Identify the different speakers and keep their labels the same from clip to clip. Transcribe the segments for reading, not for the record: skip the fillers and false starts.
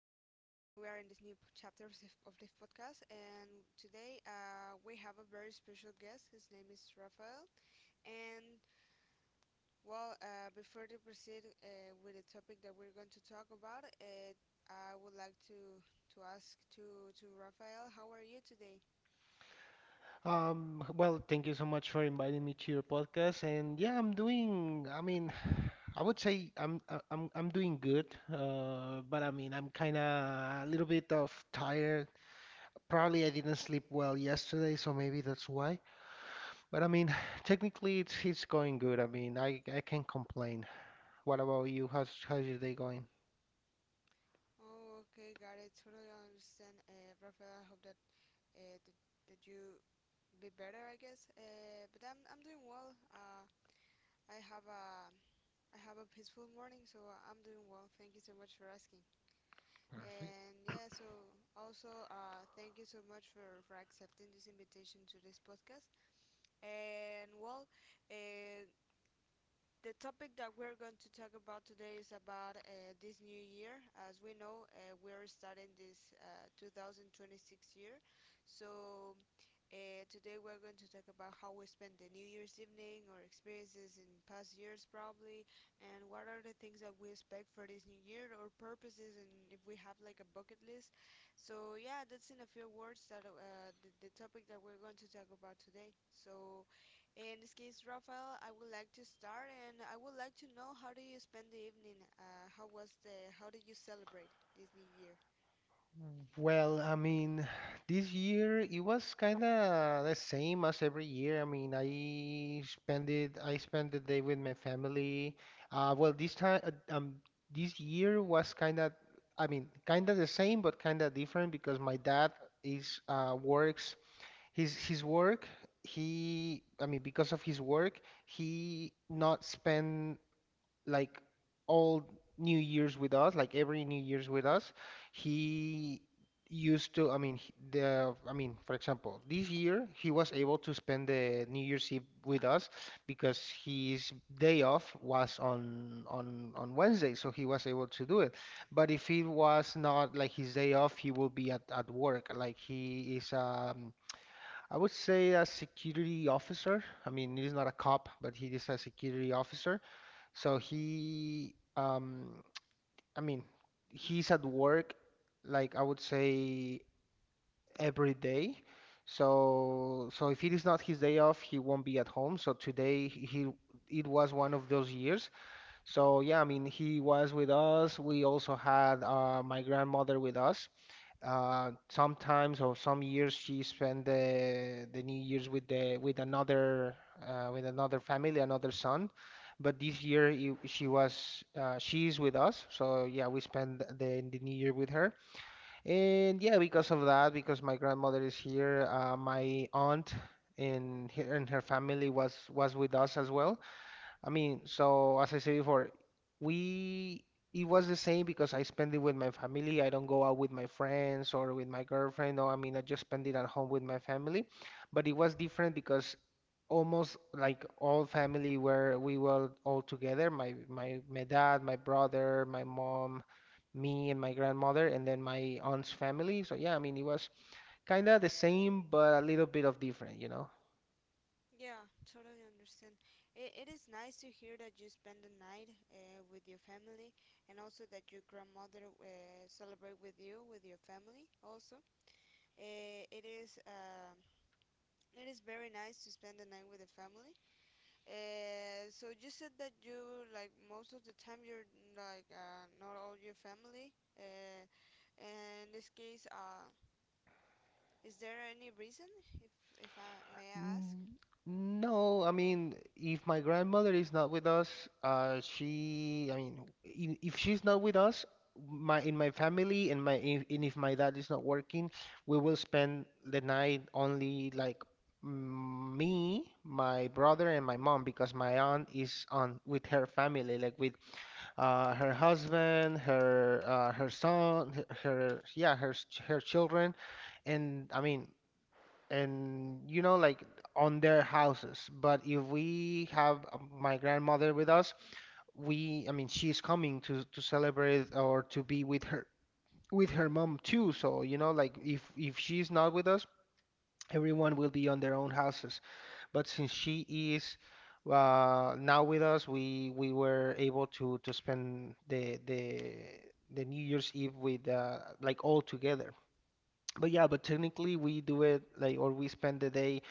Speaker 1: are in this new p- chapter of this podcast, and today we have a very special guest. His name is Rafael. And Before to proceed with the topic that we're going to talk about, I would like to ask to Rafael, how are you today?
Speaker 2: Well, thank you so much for inviting me to your podcast. And yeah, I'm doing, I mean, I would say I'm doing good. But I mean, I'm kind of a little bit of tired. Probably I didn't sleep well yesterday, so maybe that's why. But I mean, technically it's going good. I mean, I can't complain. What about you? How's your day going?
Speaker 1: Oh, okay, got it. Totally understand, Rafael. I hope uh, that that you be better, I guess. But I'm doing well. I have a peaceful morning, so I'm doing well. Thank you so much for asking.
Speaker 2: Perfect.
Speaker 1: And yeah, so also thank you so much for accepting this invitation to this podcast. And well, uh, the topic that we're going to talk about today is about this new year. As we know, we're starting this 2026 year. So today we're going to talk about how we spend the New Year's evening, or experiences in past years probably, and what are the things that we expect for this new year, or purposes, and if we have like a bucket list. So yeah, that's in a few words that the topic that we're going to talk about today. So, in this case, Rafael, I would like to start, and I would like to know how do you spend the evening? How was the? How did you celebrate this New Year?
Speaker 2: Well, I mean, this year it was kind of the same as every year. I mean, I spent the day with my family. Well, this time, um, this year was kind of, I mean, kind of the same, but kind of different because my dad is works his work. He, I mean, because of his work, he not spend like all New Year's with us, like every New Year's with us, he used to, I mean, I mean, for example, this year he was able to spend the New Year's Eve with us because his day off was on on Wednesday, so he was able to do it. But if it was not like his day off, he will be at work. Like he is I would say a security officer. I mean, he's not a cop, but he is a security officer. So he, I mean, he's at work, like I would say every day. So, if it is not his day off, he won't be at home. So today he, it was one of those years. So yeah, I mean, he was with us. We also had my grandmother with us. Sometimes or some years she spent the New Year's with the with another family, another son. But this year she was she's with us, so yeah, we spent the New Year with her. And yeah, because of that, because my grandmother is here, my aunt and her family was with us as well. I mean, so as I said before, we it was the same because I spend it with my family. I don't go out with my friends or with my girlfriend. No, I mean, I just spend it at home with my family. But it was different because almost like all family where we were all together. My dad, my brother, my mom, me and my grandmother, and then my aunt's family. So yeah, I mean, it was kind of the same but a little bit of different,
Speaker 1: Yeah, totally understand. It is nice to hear that you spend the night with your family, and also that your grandmother celebrate with you with your family. Also, uh, it is uh, it is very nice to spend the night with the family. So you said that you like most of the time you're like not all your family. In this case, is there any reason, if I may ask?
Speaker 2: Mm, No I mean, if my grandmother is not with us, she, I mean, in, if she's not with us, my family and if my dad is not working, we will spend the night only like me, my brother, and my mom because my aunt is on with her family, like with her husband, her son, her her children, and I mean and you know like on their houses, but if we have my grandmother with us, we I mean she's coming to celebrate or to be with her, with her mom too. So you know like if she's not with us, everyone will be on their own houses, but since she is now with us, we were able to spend the New Year's Eve with like all together. But yeah, but technically we do it like, or we spend the day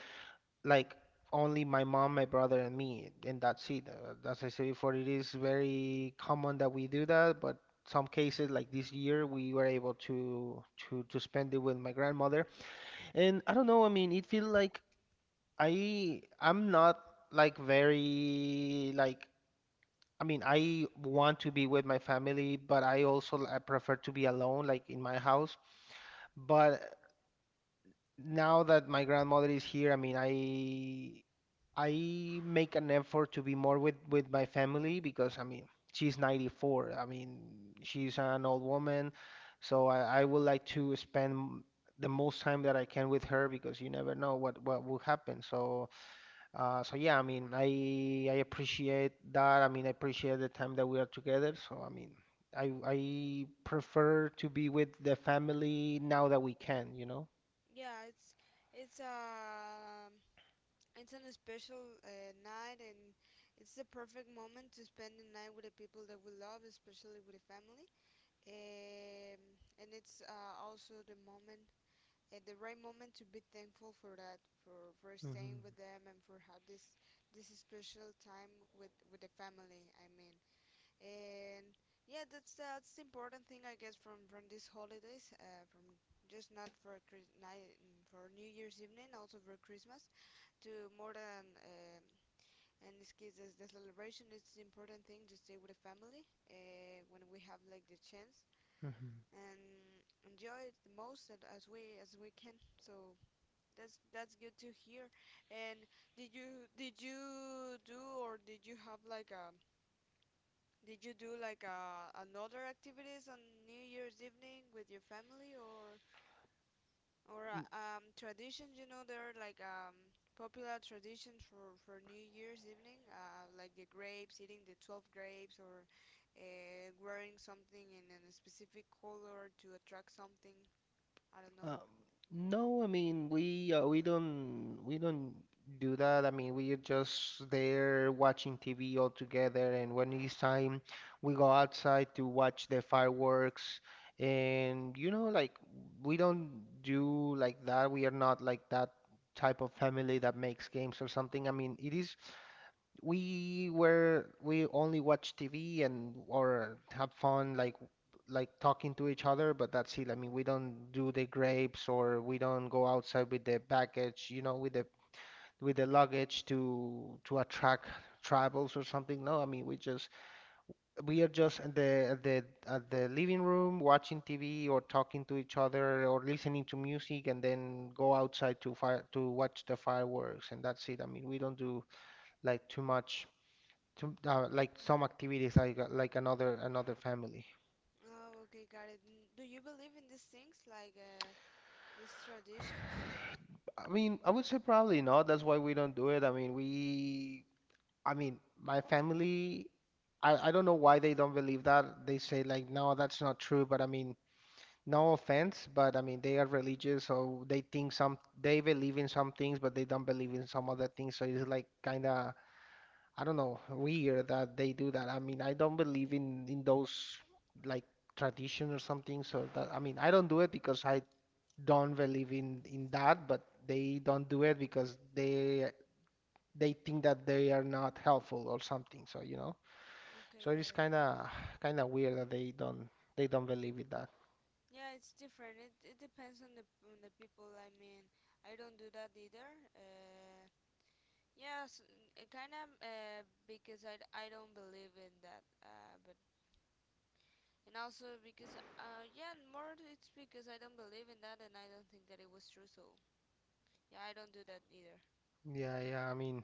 Speaker 2: like only my mom, my brother, and me, and that's it. As I said before, it is very common that we do that, but some cases like this year, we were able to to spend it with my grandmother, and I don't know. I mean, it feels like I'm not like very like. I mean, I want to be with my family, but I also I prefer to be alone, like in my house. But now that my grandmother is here, I mean, I make an effort to be more with my family because I mean she's 94. I mean she's an old woman, so I would like to spend the most time that I can with her because you never know what will happen. So so yeah, I mean I appreciate that. I mean I appreciate the time that we are together. So I mean I prefer to be with the family now that we can, you know.
Speaker 1: Yeah, it's uh it's an special night, and it's the perfect moment to spend the night with the people that we love, especially with the family. Um, and it's also the moment, the right moment to be thankful for that, for staying
Speaker 2: Hmm.
Speaker 1: with them, and for have this special time with the family. I mean, and yeah, that's the important thing, I guess, from these holidays, from just not for Chris- night, for new year's evening, also for Christmas. To more than, in this case, the celebration is the important thing to stay with the family when we have like the chance
Speaker 2: Hmm.
Speaker 1: and enjoy it the most that as we can. So that's good to hear. And did you do or did you have like a did you do like another activities on New Year's evening with your family or traditions? You know, there are like popular traditions for New Year's evening, like the grapes, eating the 12 grapes, or wearing something in a specific color to attract something. I don't know.
Speaker 2: Uh, no, I mean we don't do that. I mean we are just there watching TV all together, and when it's time, we go outside to watch the fireworks. And you know, like we don't do like that. We are not like that type of family that makes games or something. I mean, it is we only watched TV and or had fun like talking to each other, but that's it. I mean, we don't do the grapes or we don't go outside with the baggage, you know, with the luggage to attract tribals or something. No, I mean, we are just at the living room watching TV or talking to each other or listening to music and then go outside to fire to watch the fireworks and that's it. I mean, we don't do like too much. Some, like some activities like another family.
Speaker 1: Oh, okay, got it. N- Do you believe in these things like these traditions?
Speaker 2: I mean, I would say probably not. That's why we don't do it. I mean, my family I don't know why they don't believe that. They say like, "No, that's not true." But I mean, no offense, but I mean, they are religious, so they think some they believe in some things, but they don't believe in some other things. So it's like kind of I don't know, weird that they do that. I mean, I don't believe in those like tradition or something. So that I mean, I don't do it because I don't believe in that, but they don't do it because they think that they are not helpful or something. So, you know.
Speaker 1: Okay,
Speaker 2: So it
Speaker 1: got
Speaker 2: is
Speaker 1: it.
Speaker 2: kind of weird that they don't believe in that.
Speaker 1: Yeah, it's different. It depends on the people. I mean, I don't do that either. Yes, kind of because I, d- I don't believe in that. But and also because yeah, more it's because I don't believe in that and I don't think that it was true. So yeah, I don't do that either.
Speaker 2: Yeah, I mean,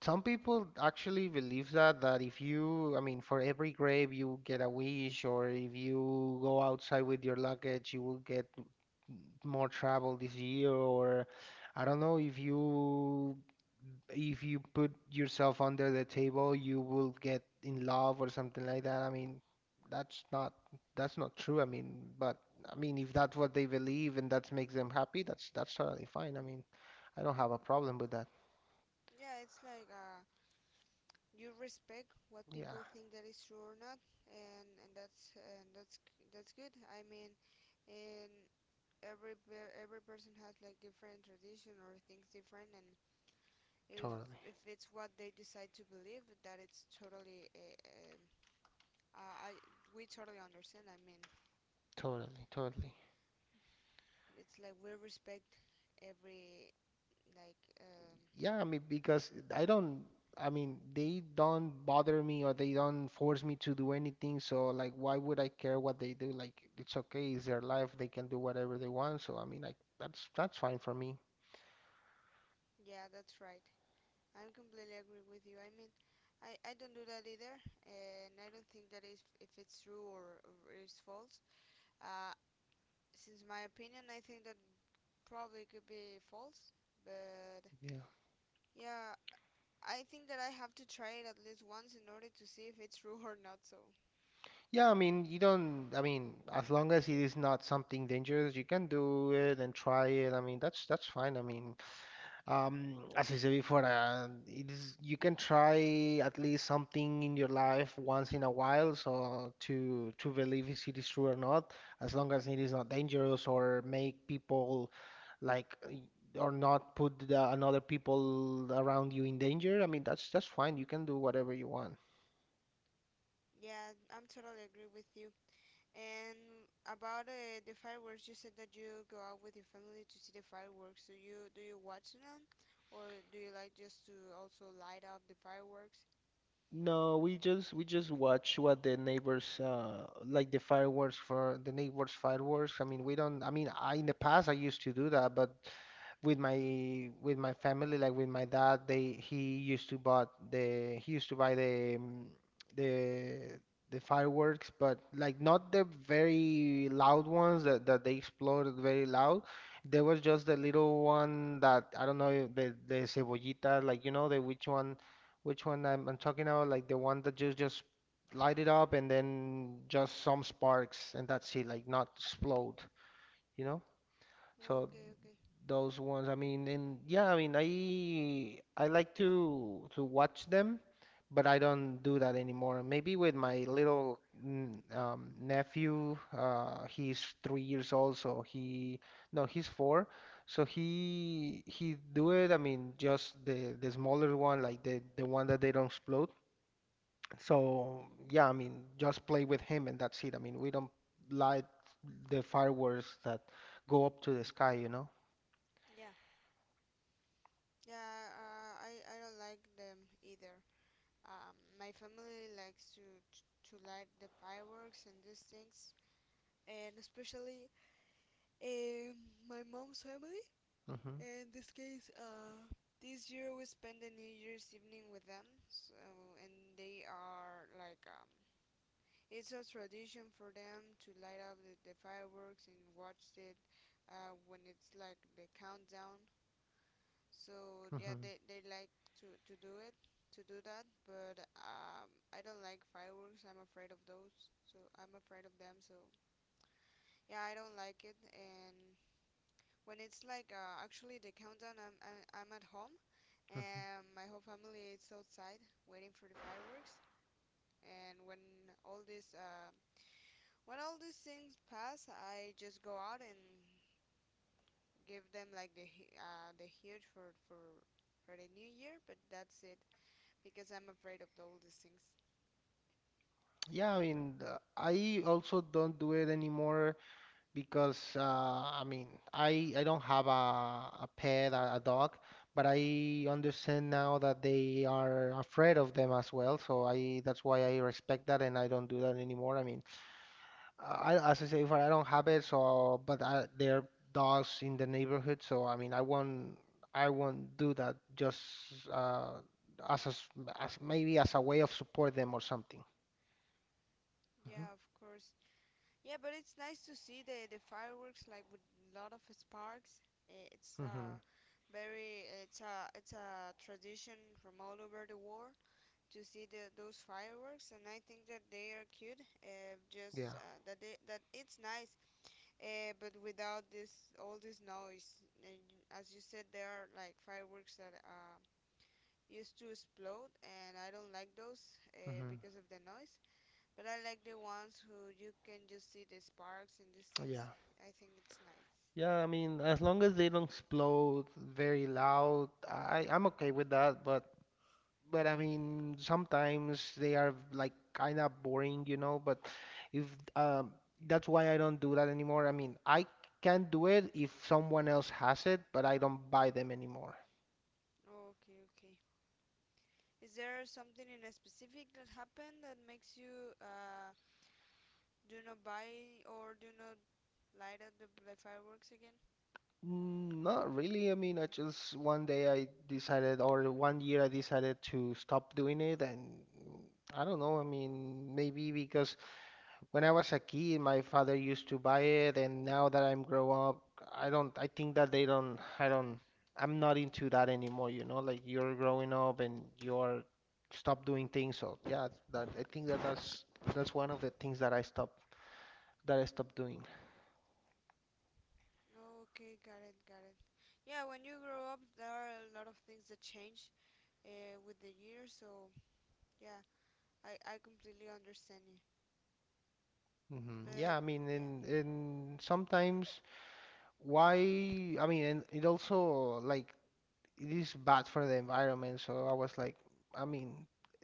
Speaker 2: some people actually believe that if you, I mean, for every grave you get a wish, or if you go outside with your luggage, you will get more travel this year, or I don't know if you put yourself under the table, you will get in love or something like that. I mean, that's not that's not true. I mean, but I mean, if that's what they believe and that makes them happy, that's totally fine. I mean, I don't have a problem with that.
Speaker 1: Yeah, it's like you respect what
Speaker 2: Yeah,
Speaker 1: people think that is true or not, and that's g- that's good. I mean, and every per- every person has like different tradition or things different. And if
Speaker 2: totally.
Speaker 1: if it's what they decide to believe that it's totally I we totally understand, I mean,
Speaker 2: Totally, totally.
Speaker 1: it's like we respect every like
Speaker 2: Yeah, I mean, because I mean, they don't bother me or they don't force me to do anything. So, like, why would I care what they do? Like, it's okay, it's their life. They can do whatever they want. So, I mean, like, that's fine for me.
Speaker 1: yeah, that's right. I'm completely agree with you, I mean, I don't do that either, and I don't think that if it's true or it's false. uh, since my opinion, I think that probably could be false. But
Speaker 2: Yeah.
Speaker 1: yeah, I think that I have to try it at least once in order to see if it's true or not. So
Speaker 2: Yeah, I mean, you don't, I mean, as long as it is not something dangerous, you can do it and try it. I mean, that's fine. I mean, As I said before, it is you can try at least something in your life once in a while, so to believe if it is true or not, as long as it is not dangerous or make people like or not put another people around you in danger. I mean, that's fine. You can do whatever you want.
Speaker 1: yeah, I'm totally agree with you. And about the fireworks, you said that you go out with your family to see the fireworks. Do you watch them, or do you like just to also light up the fireworks?
Speaker 2: No, we just watch what the neighbors like the fireworks for the neighbors fireworks. I mean, we don't I mean, I in the past I used to do that, but with my family, like with my dad, they he used to bought the he used to buy the the the fireworks, but like not the very loud ones that they exploded very loud. There was just the little one that I don't know the cebollita, like you know the which one I'm talking about? Like the one that just light it up and then just some sparks and that's it, like not explode, you know? So
Speaker 1: Okay, okay.
Speaker 2: those ones, I mean, and yeah, I mean, I like to watch them, but I don't do that anymore. Maybe with my little nephew, he's three years old, so he no, he's four, so he do it. I mean, just the smaller one, like the one that they don't explode so yeah, I mean, just play with him and that's it. I mean, we don't light the fireworks that go up to the sky, you know?
Speaker 1: Yeah, yeah. I don't like them either. My family likes to light the fireworks and these things, and especially um my mom's family.
Speaker 2: Hmm.
Speaker 1: In this case, this year we spend the New Year's evening with them. So, and they are like, it's a tradition for them to light up the fireworks and watch it when it's like the countdown. So yeah,
Speaker 2: Hmm.
Speaker 1: they like to do it, to do that. But I don't like fireworks. I'm afraid of those. So I'm afraid of them. So yeah, I don't like it. And when it's like actually the countdown, I'm at home
Speaker 2: Hmm.
Speaker 1: and my whole family is outside waiting for the fireworks. And when all this when all these things pass, I just go out and give them like the huge for for the new year. But that's it because I'm afraid of all these things.
Speaker 2: Yeah, I mean, I also don't do it anymore because I mean, I don't have a a dog, but I understand now that they are afraid of them as well. So I that's why I respect that and I don't do that anymore. I mean, I, as I say, if I don't have it, so but I, there are dogs in the neighborhood, so I mean, I won't do that just uh, as a s as maybe as a way of support them or something. Hmm.
Speaker 1: Yeah, of course. Yeah, but it's nice to see the fireworks like with a lot of sparks. Eh, it's
Speaker 2: Hmm.
Speaker 1: very it's a tradition from all over the world to see those fireworks, and I think that they are cute.
Speaker 2: Yeah.
Speaker 1: That it's nice, but without this all this noise. And as you said, there are like fireworks that used to explode, and I don't like those
Speaker 2: Hmm.
Speaker 1: because of the noise. But I like the ones who you can just see the sparks and these things.
Speaker 2: Yeah.
Speaker 1: I think it's nice.
Speaker 2: Yeah. I mean, as long as they don't explode very loud, I, I'm okay with that. But I mean, sometimes they are like kind of boring, you know. But if um, that's why I don't do that anymore. I mean, I can do it if someone else has it, but I don't buy them anymore.
Speaker 1: Okay, okay. Is there something in a specific that happened that makes you do not buy or do not light up the fireworks again?
Speaker 2: Mm, not really. I mean, I just one day I decided, or one year I decided to stop doing it, and I don't know. I mean, maybe because when I was a kid, my father used to buy it, and now that I'm grown up, I don't, I think that they don't, I don't, I'm not into that anymore, you know, like you're growing up and you're stop doing things. So yeah, that I think that that's one of the things that I stop that I stopped doing.
Speaker 1: Okay, got it, got it. Yeah, when you grow up, there are a lot of things that change with the years. So yeah, I completely understand you.
Speaker 2: Hmm.
Speaker 1: But
Speaker 2: Yeah, I mean,
Speaker 1: yeah,
Speaker 2: and sometimes why? I mean, and it also like it is bad for the environment. So I was like, I mean,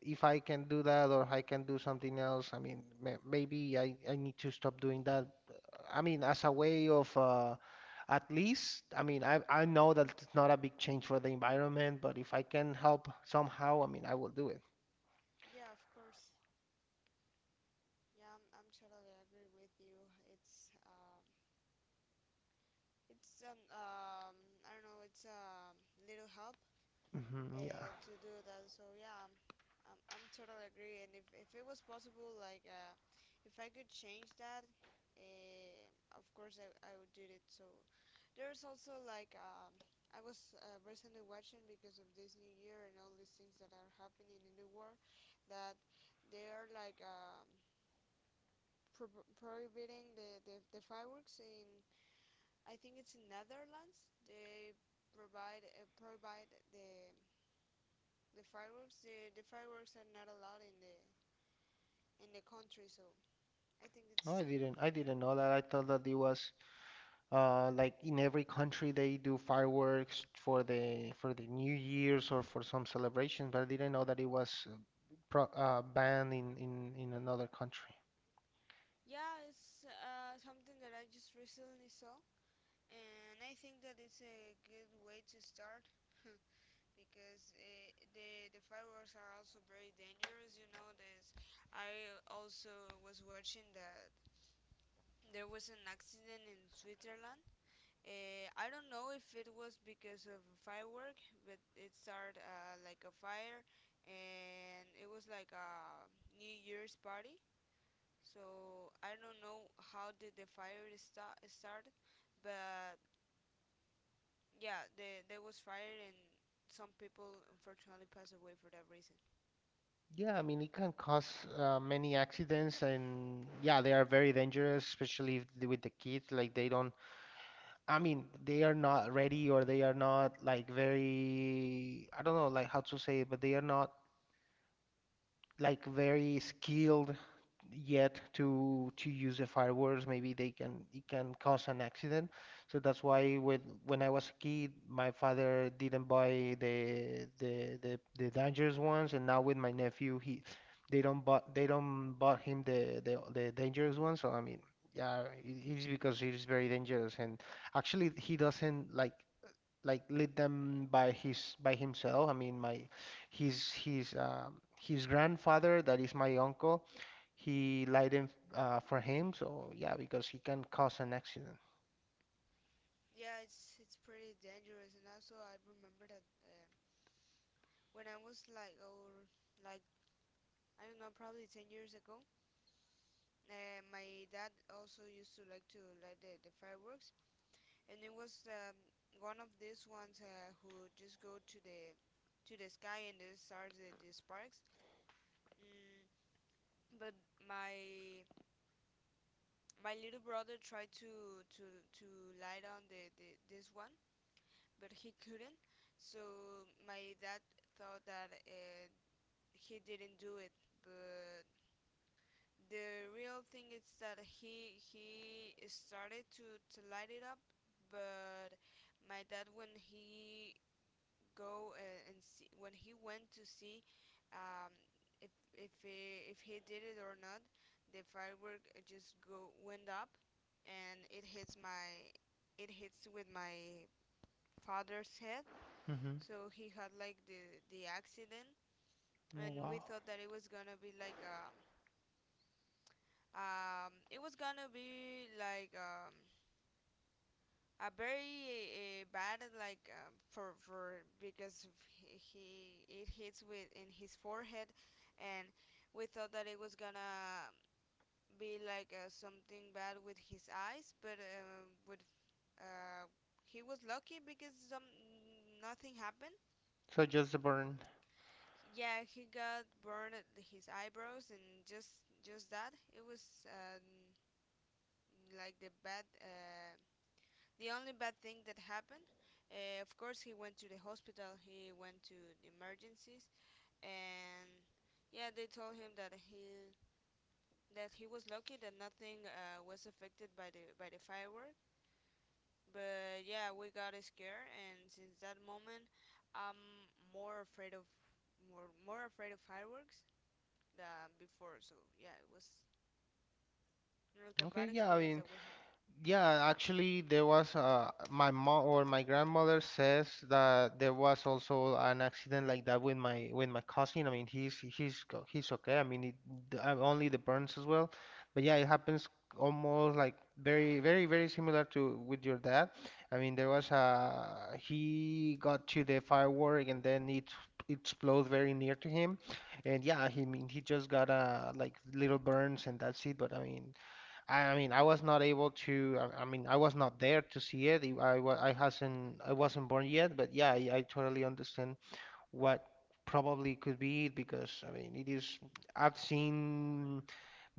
Speaker 2: if I can do that or I can do something else, I mean, maybe I need to stop doing that. I mean, as a way of at least, I mean, I know that it's not a big change for the environment, but if I can help somehow, I mean, I will do it.
Speaker 1: yeah, of course. Yeah, I'm totally agree with you. It's um, it's an I don't know, it's a little help
Speaker 2: Hmm. Yeah.
Speaker 1: to do that. So yeah, I'm totally agree. And if it was possible, like if I could change that, uh, of course I would do it. So there's also like I was recently watching because of this new year and all these things that are happening in the world that they are like pro- prohibiting the fireworks in I think it's in Netherlands. They provide the fireworks are not allowed in the country, so I think
Speaker 2: No,
Speaker 1: it's
Speaker 2: I didn't. I
Speaker 1: good.
Speaker 2: didn't know that. I thought that it was. Like in every country, they do fireworks for the New Year's or for some celebrations. But I didn't know that it was pro banned in another country.
Speaker 1: Yeah, it's something that I just recently saw, and I think that it's a good way to start, because the fireworks are also very dangerous, you know. There's I also was watching that there was an accident in Switzerland. I don't know if it was because of a firework, but it started like a fire, and it was like a New Year's party. So I don't know how did the fire start start, but yeah, there was fire, and some people unfortunately passed away for that reason.
Speaker 2: Yeah, I mean it can cause many accidents, and yeah, they are very dangerous, especially if, with the kids. Like they don't, I mean, they are not ready or they are not like very, I don't know, like how to say it, but they are not like very skilled yet to use the fireworks. Maybe they can it can cause an accident. So that's why when I was a kid, my father didn't buy the dangerous ones, and now with my nephew, he they don't bought him the dangerous ones. So I mean, yeah, it is because it is very dangerous, and actually he doesn't like lead them by himself. I mean, my his grandfather, that is my uncle, he led him for him. So yeah, because he can cause an accident.
Speaker 1: Yeah, it's pretty dangerous, and also I remember that when I was like or like I don't know, probably 10 years ago, my dad also used to like to light the fireworks, and it was one of these ones who just go to the sky and the starts the sparks. Mm, but my my little brother tried to light on the this one, but he couldn't. So my dad thought that he didn't do it, but the real thing is that he started to light it up. But my dad, when he go when he went to see um, if if he did it or not, the firework just go went up, and it hits with my father's head.
Speaker 2: Hmm.
Speaker 1: So he had like the accident,
Speaker 2: Oh,
Speaker 1: and
Speaker 2: wow.
Speaker 1: we thought that it was gonna be like it was gonna be like a very bad like for because of he it hits with in his forehead. And we thought that it was gonna be like something bad with his eyes, but with uh, he was lucky because some nothing happened.
Speaker 2: So just the burn.
Speaker 1: Yeah, he got burned at his eyebrows and just that. It was like the bad the only bad thing that happened. Of course, he went to the hospital. He went to the emergencies, and yeah, they told him that he was lucky that nothing was affected by the firework. But yeah, we got scared, and since that moment, I'm more more afraid of fireworks than before. So yeah, it was like a
Speaker 2: Okay,
Speaker 1: bad
Speaker 2: yeah, I
Speaker 1: experience
Speaker 2: mean,
Speaker 1: that we had.
Speaker 2: yeah, actually, there was my mom or my grandmother says that there was also an accident like that with my cousin. I mean, he's okay. I mean, it, only the burns as well. But yeah, it happens almost like very similar to with your dad. I mean, there was a he got to the firework and then it exploded very near to him, and yeah, he mean he just got a like little burns and that's it. But I mean. I mean, I was not able to. I mean, I was not there to see it. I wa- I hasn't. I wasn't born yet. But yeah, I totally understand what probably could be it because I mean, it is. I've seen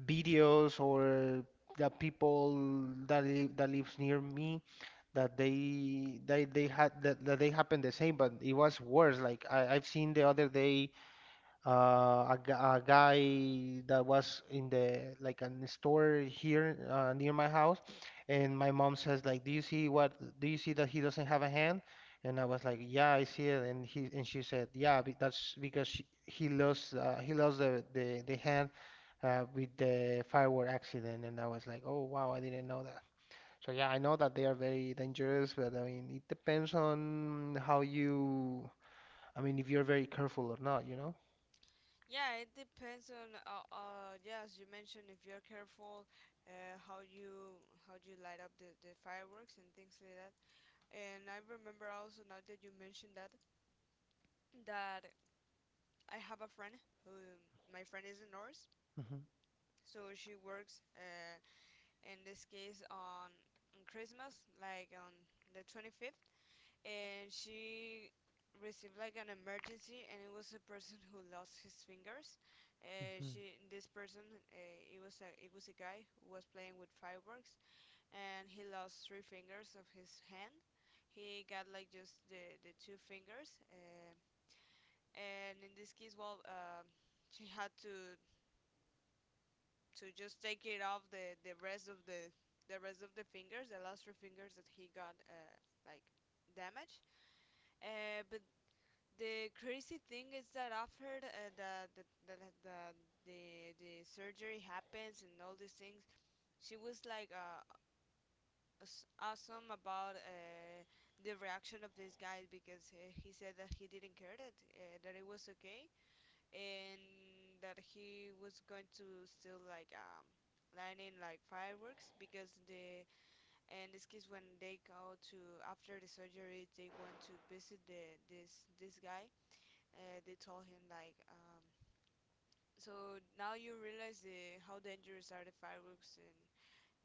Speaker 2: videos or the people that live, that lives near me that they had that, that they happened the same, but it was worse. Like I, I've seen the other day a, a guy that was in the like an store here near my house, and my mom says like, "Do you see what? Do you see that he doesn't have a hand?" And I was like, "Yeah, I see it." And he and she said, "Yeah, that's because she, he lost the hand with the firework accident." And I was like, "Oh wow, I didn't know that." So yeah, I know that they are very dangerous, but I mean, it depends on how you. I mean, if you're very careful or not, you know?
Speaker 1: Yeah, it depends on yeah, as you mentioned, if you're careful, how you how do you light up the fireworks and things like that. And I remember also now that you mentioned that that I have a friend who my friend is a nurse,
Speaker 2: Hmm.
Speaker 1: so she works in this case on Christmas, like on the 25th. And she received like an emergency, and it was a person who lost his fingers.
Speaker 2: Hmm.
Speaker 1: She this person It was a it was a guy who was playing with fireworks, and he lost three fingers of his hand. He got like just the two fingers, and in this case, she had to just take it off the rest of the rest of the fingers, the last three fingers that he got like damaged. But The crazy thing is that after the the the surgery happens and all these things, she was like awesome about the reaction of this guy, because he said that he didn't care, that that it was okay, and that he was going to still like lighting like fireworks because the and this case when they go to after the surgery, they want to visit the this this guy, and they told him like so now you realize the, how dangerous are the fireworks, and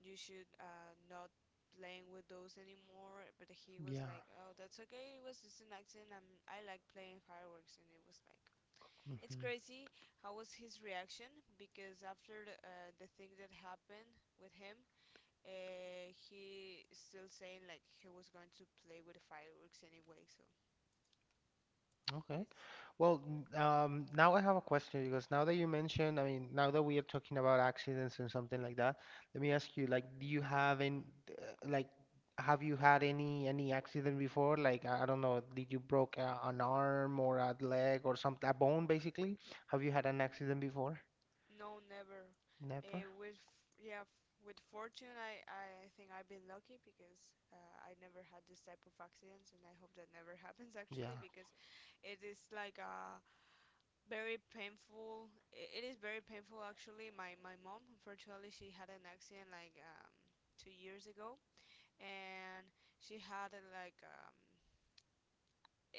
Speaker 1: you should not playing with those anymore. But he was like,
Speaker 2: Yeah.
Speaker 1: oh, that's okay, it was just an accident, I'm, I like playing fireworks, and it was like, it's
Speaker 2: Hmm.
Speaker 1: crazy how was his reaction, because after the thing that happened with him, he still saying like he was going to play with the fireworks anyway. So
Speaker 2: Okay.
Speaker 1: it's.
Speaker 2: Well, now I have a question because now that you mentioned, I mean, now that we are talking about accidents and something like that, let me ask you, like, do you have any, like, have you had any accident before? Like, I don't know, did you broke a, an arm or a leg or some a bone basically? Have you had an accident before?
Speaker 1: No, never.
Speaker 2: Never.
Speaker 1: With f- yeah, f- With fortune, I think I've been lucky because I never had this type of accidents, and I hope that never happens actually,
Speaker 2: Yeah.
Speaker 1: because it is like a very painful. It is very painful actually. My mom, unfortunately, she had an accident like 2 years ago, and she had a, like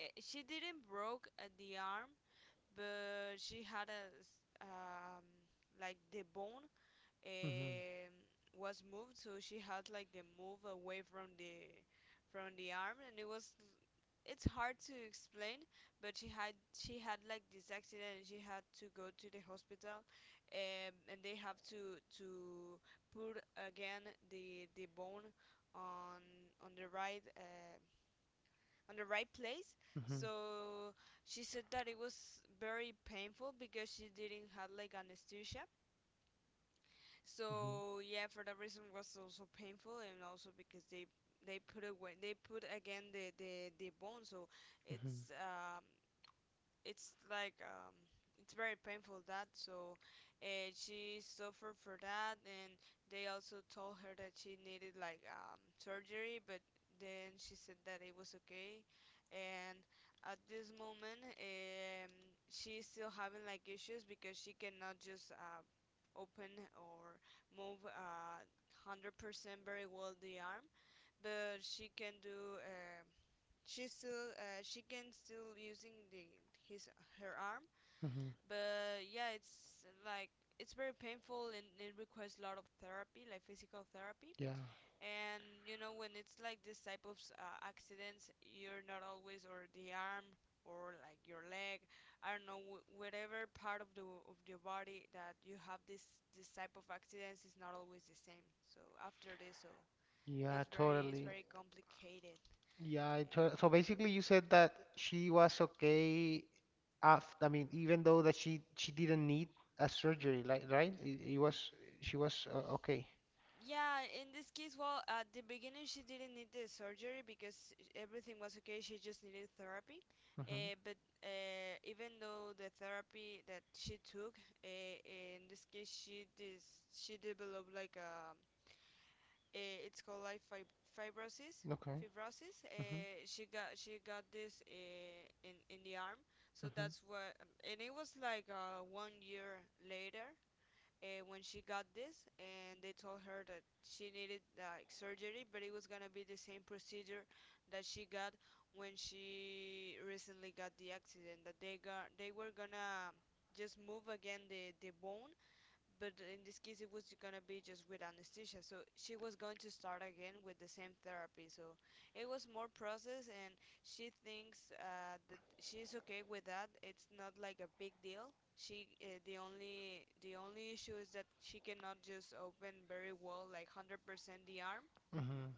Speaker 1: I she didn't broke the arm, but she had a like the bone
Speaker 2: Hmm.
Speaker 1: um, was moved, so she had like the move away from the arm, and it was, it's hard to explain, but she had like this accident, and she had to go to the hospital, and they have to put again the bone on on the right uh, on the right place.
Speaker 2: Hmm.
Speaker 1: So she said that it was very painful because she didn't have like anesthesia,
Speaker 2: Hmm.
Speaker 1: so yeah, for that reason was also painful. And also because they put away they put again the bone, so
Speaker 2: Hmm.
Speaker 1: it's um it's like it's very painful that. So she suffered for that, and they also told her that she needed like surgery, but then she said that it was okay. And at this moment she's still having like issues because she cannot just open or move 100% very well the arm, but she can do she still she can still using the his her arm.
Speaker 2: Hmm. Hmm.
Speaker 1: But yeah, it's like it's very painful and it requires a lot of therapy, like physical therapy.
Speaker 2: Yeah.
Speaker 1: And you know, when it's like this type of accidents, you're not always or the arm or like your leg, I don't know, whatever part of the of your body that you have this this type of accidents is not always the same. So after this, so
Speaker 2: Yeah,
Speaker 1: it's
Speaker 2: totally.
Speaker 1: very complicated.
Speaker 2: Yeah, so basically you said that she was okay after, I mean, even though that she didn't need a surgery, like, right? It was she was okay.
Speaker 1: Yeah, in this case, well, at the beginning she didn't need the surgery because everything was okay, she just needed therapy.
Speaker 2: Mm-hmm.
Speaker 1: But Even though the therapy that she took, in this case, she she developed like a, it's called like fibrosis.
Speaker 2: Okay.
Speaker 1: Fibrosis.
Speaker 2: Mm-hmm.
Speaker 1: She got this in the arm, so
Speaker 2: Mm-hmm.
Speaker 1: that's what. And it was like 1 year later when she got this, and they told her that she needed like surgery, but it was gonna be the same procedure that she got when she recently got the accident. That they were gonna just move again the bone, but in this case it was gonna be just with anesthesia, so she was going to start again with the same therapy. So it was more process, and she thinks that she's okay with that, it's not like a big deal. She The only issue is that she cannot just open very well like 100% the arm,
Speaker 2: Mm-hmm.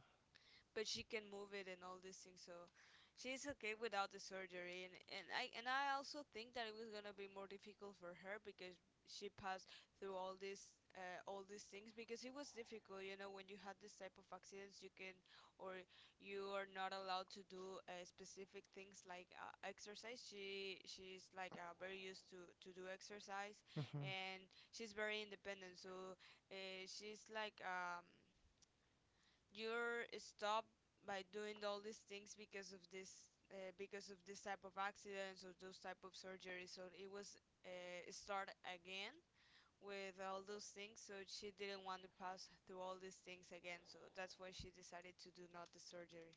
Speaker 1: but she can move it and all these things. So she's okay without the surgery, and and I also think that it was gonna be more difficult for her because she passed through all these things, because it was difficult. You know, when you had this type of accidents, you can or you are not allowed to do specific things, like exercise. She's like very used to do exercise,
Speaker 2: Mm-hmm.
Speaker 1: and she's very independent. So she's like you're stopped by doing all these things because of this type of accidents or those type of surgeries. So it was start again with all those things. So she didn't want to pass through all these things again, so that's why she decided to do not the surgery.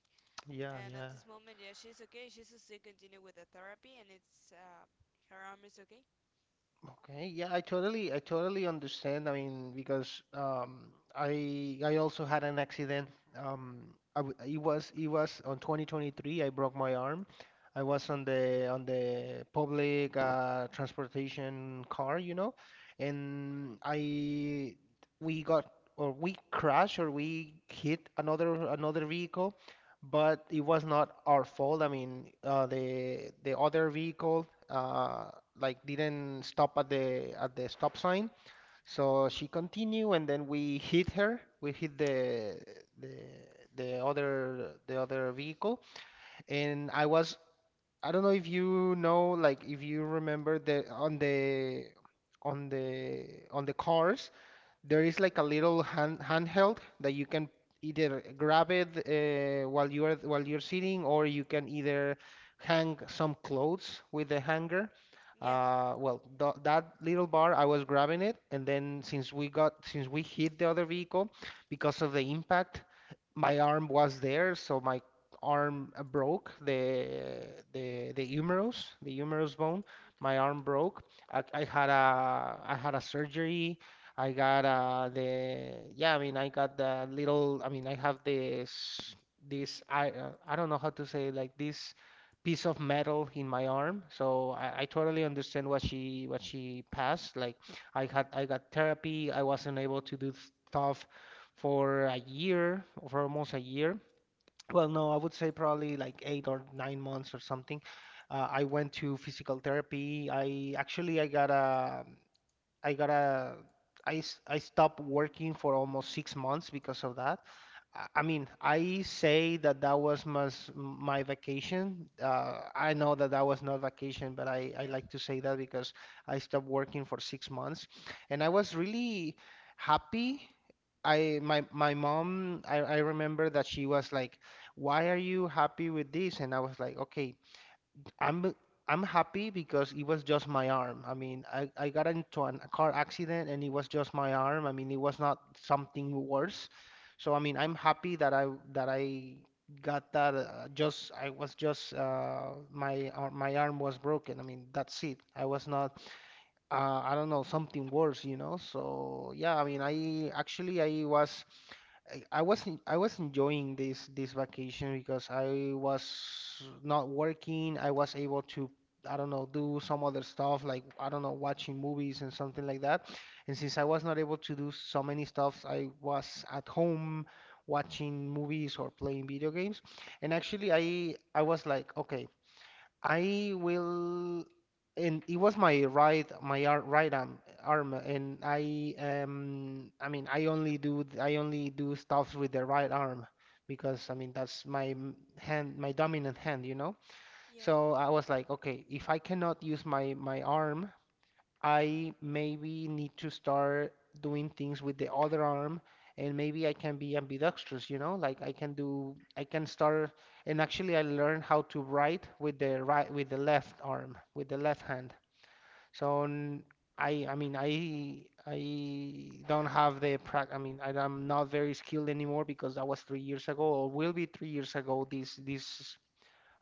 Speaker 2: Yeah,
Speaker 1: And at
Speaker 2: yeah.
Speaker 1: this moment, yeah, she's okay, she's still continue with the therapy, and it's her arm is okay.
Speaker 2: Okay, yeah, I totally understand. I mean, because I also had an accident. I w it was on 2023. I broke my arm. I was
Speaker 1: Okay.
Speaker 2: on the public transportation car, you know, and I, we got, or we crashed, or we hit another, another vehicle, but it was not our fault. I mean, the other vehicle like didn't stop at the stop sign, so she continued, and then we hit her. We hit the the other vehicle, and I was I don't know if you know like if you remember the on the on the cars there is like a little hand handheld that you can either grab it while you are while you're sitting, or you can either hang some clothes with the hanger.
Speaker 1: Yeah.
Speaker 2: Well, th that little bar, I was grabbing it, and then since we got since we hit the other vehicle, because of the impact, my arm was there, so my arm broke the humerus bone.
Speaker 1: Okay.
Speaker 2: My arm broke. I had a I had a surgery. I got the yeah, I mean I got the little I mean I have this I don't know how to say it, like this piece of metal in my arm. So I totally understand what she passed. Like I had I got therapy. I wasn't able to do stuff for a year, for almost a year. Well, no, I would say probably like 8 or 9 months or something. I went to physical therapy. I got a I gotta I stopped working for almost 6 months because of that. I mean, I say that that was my, my vacation. I know that that was not vacation, but I
Speaker 1: Yeah,
Speaker 2: like to say that because I stopped working for 6 months, and I was really happy. I my my mom I remember that she was like, "Why are you happy with this?" And I was like, "Okay, I'm I'm happy because it was just my arm. I mean, I got into a car accident and it was just my arm. I mean, it was not something worse. So I mean, I'm happy that I got that. Just I was just my arm was broken. I mean, that's it. I was not I don't know something worse, you know. So yeah, I mean, I actually I was. I wasn't I was enjoying this vacation because I was not working. I was able to I don't know do some other stuff like I don't know watching movies and something like that. And since I was not able to do so many stuffs, I was at home watching movies or playing video games. And actually I was like, okay, I will, and it was my right, right arm, and I mean, I only I only do stuff with the right arm because, I mean, that's my dominant hand, you know?
Speaker 1: yeah,
Speaker 2: So I was like, okay, if I cannot use my arm, I maybe need to start doing things with the other arm, and maybe I can be ambidextrous, like I can start, and actually I learned how to write with the right, with the left arm, with the left hand. So n- I mean, I don't have I mean, am not very skilled anymore because that was 3 years ago, or will be 3 years ago this, this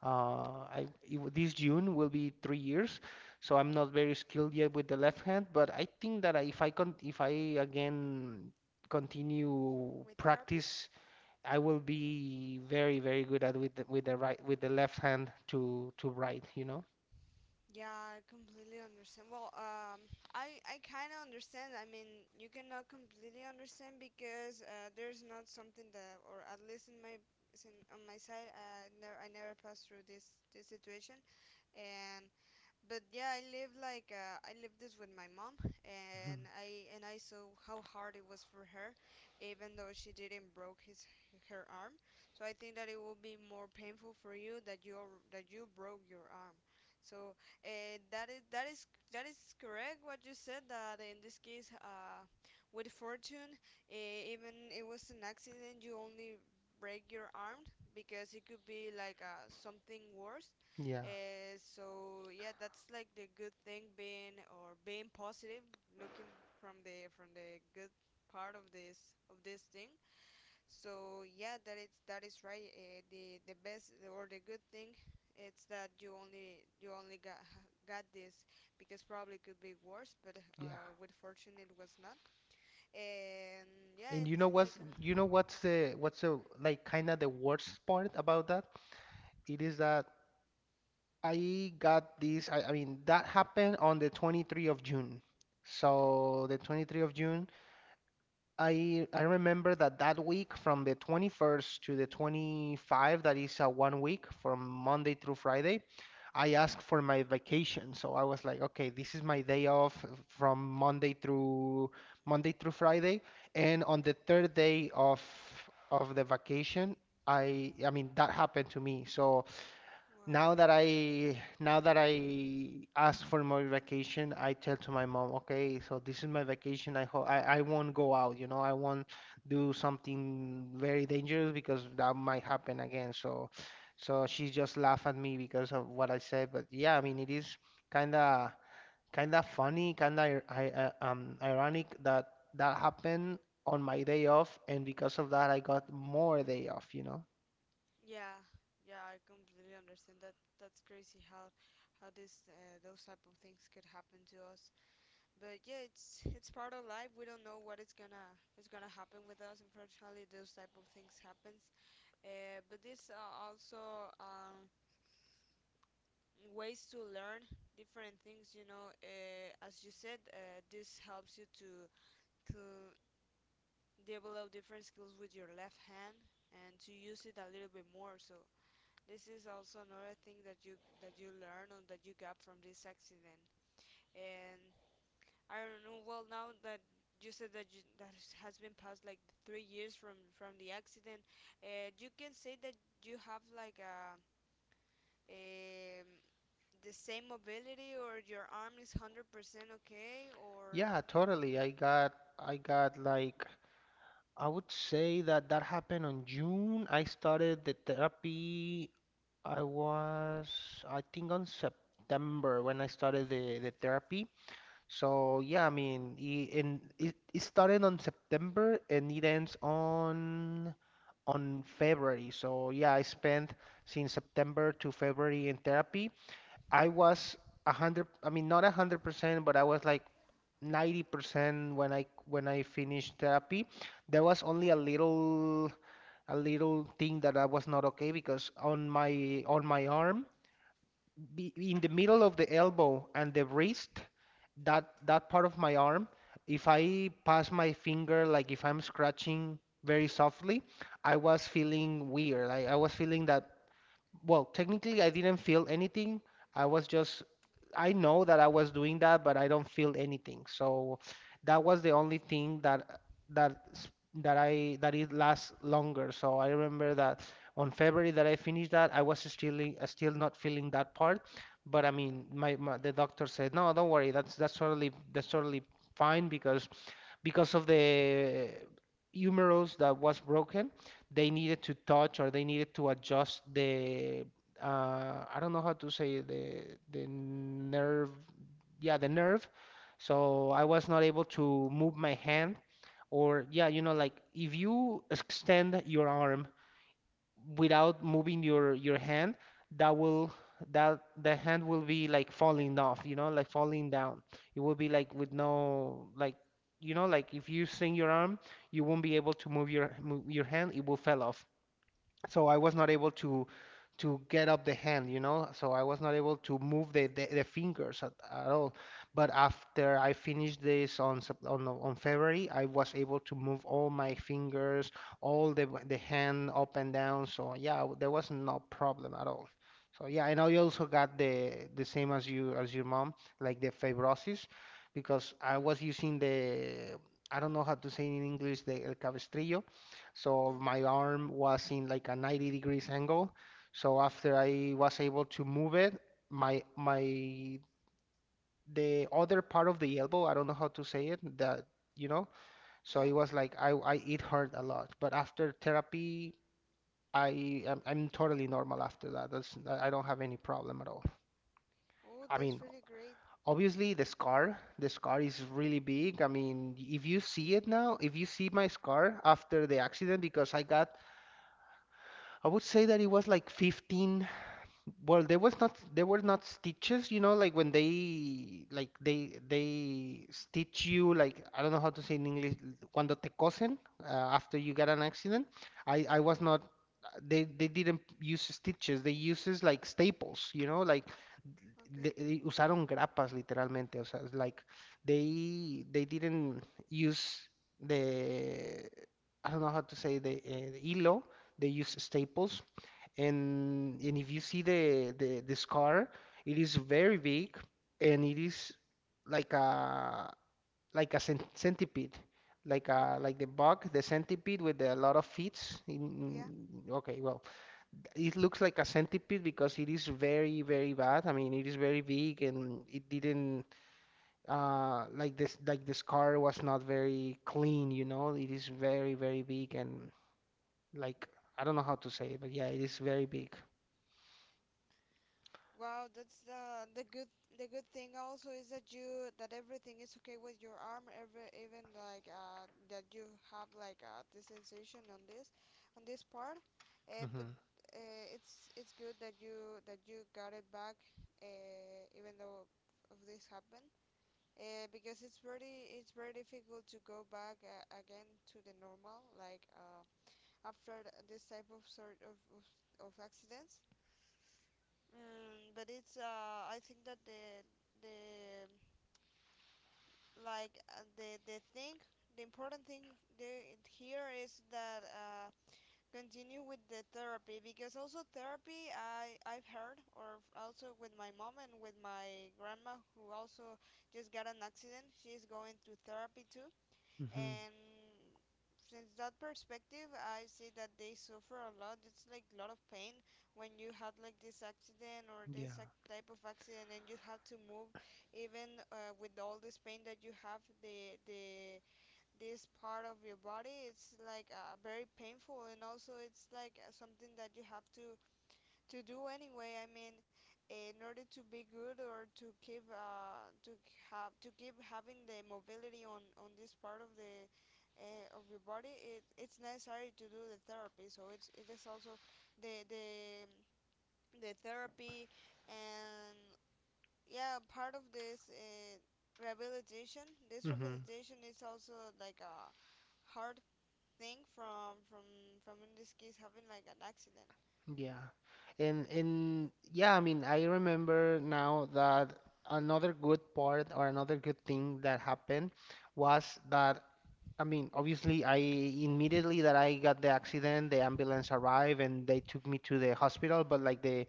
Speaker 2: I it w- this June will be 3 years, so I'm not very skilled yet with the left hand, but I think that if I again continue
Speaker 1: with therapy.
Speaker 2: practice, I will be very very good at with the right with the left hand to right, you know?
Speaker 1: Yeah, I completely understand. Well, I kind of understand. I mean, you cannot completely understand because there's not something that, or at least in my in, on my side, never I never passed through this this situation, and but yeah, I live like I lived this with my mom, and
Speaker 2: Mhm.
Speaker 1: I saw how hard it was for her, even though she didn't broke his her arm. So I think that it will be more painful for you that you that you broke your arm. So uh, that is that is that is correct what you said. That in this case with fortune, even it was an accident, you only break your arm, because it could be like something worse.
Speaker 2: Yeah,
Speaker 1: So yeah, that's like the good thing, being or being positive, looking from the good part of this thing. So yeah, that is right. The best or the good thing, it's that you only got got this, because probably could be worse, but
Speaker 2: yeah.
Speaker 1: with fortune it was not. And yeah,
Speaker 2: And
Speaker 1: it's like
Speaker 2: you know what's the like kind of the worst part about that? It is that I got this. I mean, that happened on the 23 of June.
Speaker 1: okay,
Speaker 2: So the 23 of June, I remember that that week from the 21st to the 25th, that is a one week from Monday through Friday, I asked for my vacation. So I was like, okay, this is my day off from Monday through Friday, and on the third day of the vacation, I mean that happened to me. So.
Speaker 1: wow.
Speaker 2: Now that I ask for more vacation, I tell to my mom, okay, so this is my vacation. I hope I won't go out, I won't do something very dangerous because that might happen again. So she just laugh at me because of what I said. But yeah, I mean it is kinda kinda funny, kinda ironic that that happened on my day off, and because of that I got more day off.
Speaker 1: Yeah, yeah, I completely understand that. That's crazy how this those type of things could happen to us. But yeah, it's part of life. We don't know what it's going to it's gonna is gonna happen with us. Unfortunately, those type of things happens. But this are also ways to learn different things. You know, as you said, this helps you to develop different skills with your left hand and to use it a little bit more. So this is also another thing that you learn or that you got from this accident. And I don't know. Well, now that you said that has been past like 3 years from the accident, you can say that you have like a um, the same mobility, or your arm is 100% okay, or
Speaker 2: Yeah, totally. I got like I would say that that happened on June. I started the therapy. I was, I think, on September when I started the therapy. So yeah, I mean, it started on September and it ends on February. So yeah, I spent since September to February in therapy. I was a hundred, I mean, not 100%, but I was like 90% when I finished therapy. There was only a little thing that I was not okay because on my arm, in the middle of the elbow and the wrist, that that part of my arm, if I pass my finger, like if I'm scratching very softly, I was feeling weird. I was feeling that, well, technically, I didn't feel anything. I was just, I know that I was doing that, but I don't feel anything. So that was the only thing that s- that it lasts longer. So I remember that on February that I finished that, I was still still not feeling that part. But I mean, my the doctor said, no, don't worry. That's totally fine because of the humerus that was broken, they needed to touch, or they needed to adjust the I don't know how to say it, the nerve. Yeah, the nerve. So I was not able to move my hand. Or yeah, like if you extend your arm without moving your hand, that will that the hand will be like falling off, like falling down. It will be like with no, like, like if you swing your arm, you won't be able to move your hand. It will fall off. So I was not able to get up the hand. So I was not able to move the fingers at all. But after I finished this on on February, I was able to move all my fingers, all the hand up and down. So yeah, there was no problem at all. So yeah, and I also got the same as you, as your mom, like the fibrosis, because I was using the, I don't know how to say in English, the el cabestrillo. So
Speaker 1: yeah,
Speaker 2: my arm was in like a 90 degrees angle. So after I was able to move it, my the other part of the elbow, I don't know how to say it, that you know. So it
Speaker 1: yeah.
Speaker 2: was like, I it hurt a lot. But after therapy, I'm totally normal after that. That's I don't have any problem at all.
Speaker 1: Oh,
Speaker 2: I
Speaker 1: that's
Speaker 2: mean,
Speaker 1: really great.
Speaker 2: obviously the scar is really big. I mean, if you see it now, if you see my scar after the accident, because I would say that it was like 15. Well, there were not stitches, you know, like when they, like, they stitch you, like, I don't know how to say in English, cuando te cosen, after you get an accident. I
Speaker 1: Yeah.
Speaker 2: was not, they didn't use stitches, they uses like staples, you know, like
Speaker 1: Okay.
Speaker 2: they usaron grapas literalmente, o sea, it's like they didn't use the, I don't know how to say, the hilo, they use staples, and if you see the scar, it is very big, and it is like a like a centipede,
Speaker 1: Okay.
Speaker 2: like the bug, the centipede with a lot of feet.
Speaker 1: Yeah.
Speaker 2: Okay, well, it looks like a centipede because it is very very bad. I mean, it is very big, and it didn't, like this, like the scar was not very clean. It is very very big and, like, I don't know how to say it, but yeah, it is very big.
Speaker 1: Wow, that's the good the good thing also is that you that everything is okay with your arm, every even like that you have like the sensation on this part, but it's good that you got it back, even though of this happened, because it's very difficult to go back again to the normal after this type of accidents. But it's I think that the like the thing the important thing there it here is that continue with the therapy, because also therapy I've heard, or also with my mom and with my grandma, who also just got an accident, she's going to therapy too.
Speaker 2: Hmm.
Speaker 1: And since that perspective, I see that they suffer a lot. It's like a lot of pain when you had like this accident or
Speaker 2: Yeah.
Speaker 1: this type of accident and you have to move even with all this pain that you have. The this part of your body, it's very painful, and also it's something that you have to do anyway. I mean, in order to be good or to keep to have to keep having the mobility on this part of the of your body, it's necessary to do the therapy. So it's it is also the the the therapy and yeah, part of this rehabilitation. This
Speaker 2: Hmm.
Speaker 1: rehabilitation is also like a hard thing from in this case having like an accident.
Speaker 2: Yeah. And yeah, I mean, I remember now that another good part, or another good thing that happened was that, I mean, obviously, I immediately that I got the accident, the ambulance arrived and they took me to the hospital, but like the,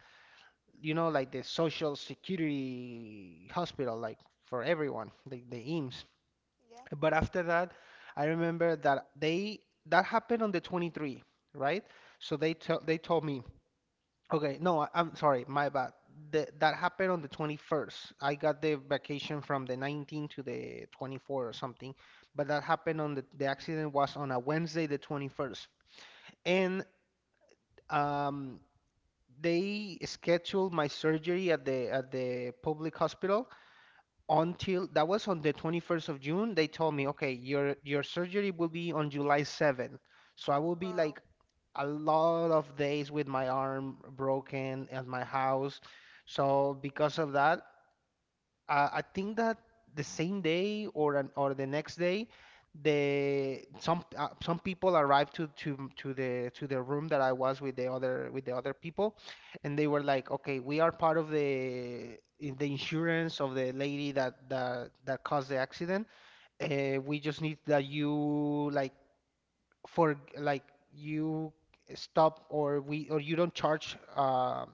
Speaker 2: you know, like the social security hospital, like for everyone, like the IMSS.
Speaker 1: Yeah.
Speaker 2: But after that, I remember that they that happened on the 23, right? So they told me, okay, no, I'm sorry, my bad. That happened on the 21st. I got the vacation from the 19 to the 24 or something, but that happened on the accident was on a Wednesday, the 21st, and um, they scheduled my surgery at the public hospital until, that was on the 21st of June, they told me, okay, your surgery will be on July 7th. So I will be
Speaker 1: Wow.
Speaker 2: like a lot of days with my arm broken at my house. So because of that, I think that the same day, or or the next day, the some people arrived to the room that I was with the other people, and they were like, "Okay, we are part of the insurance of the lady that caused the accident. We just need that you, like, for like you stop, or we, or you don't charge,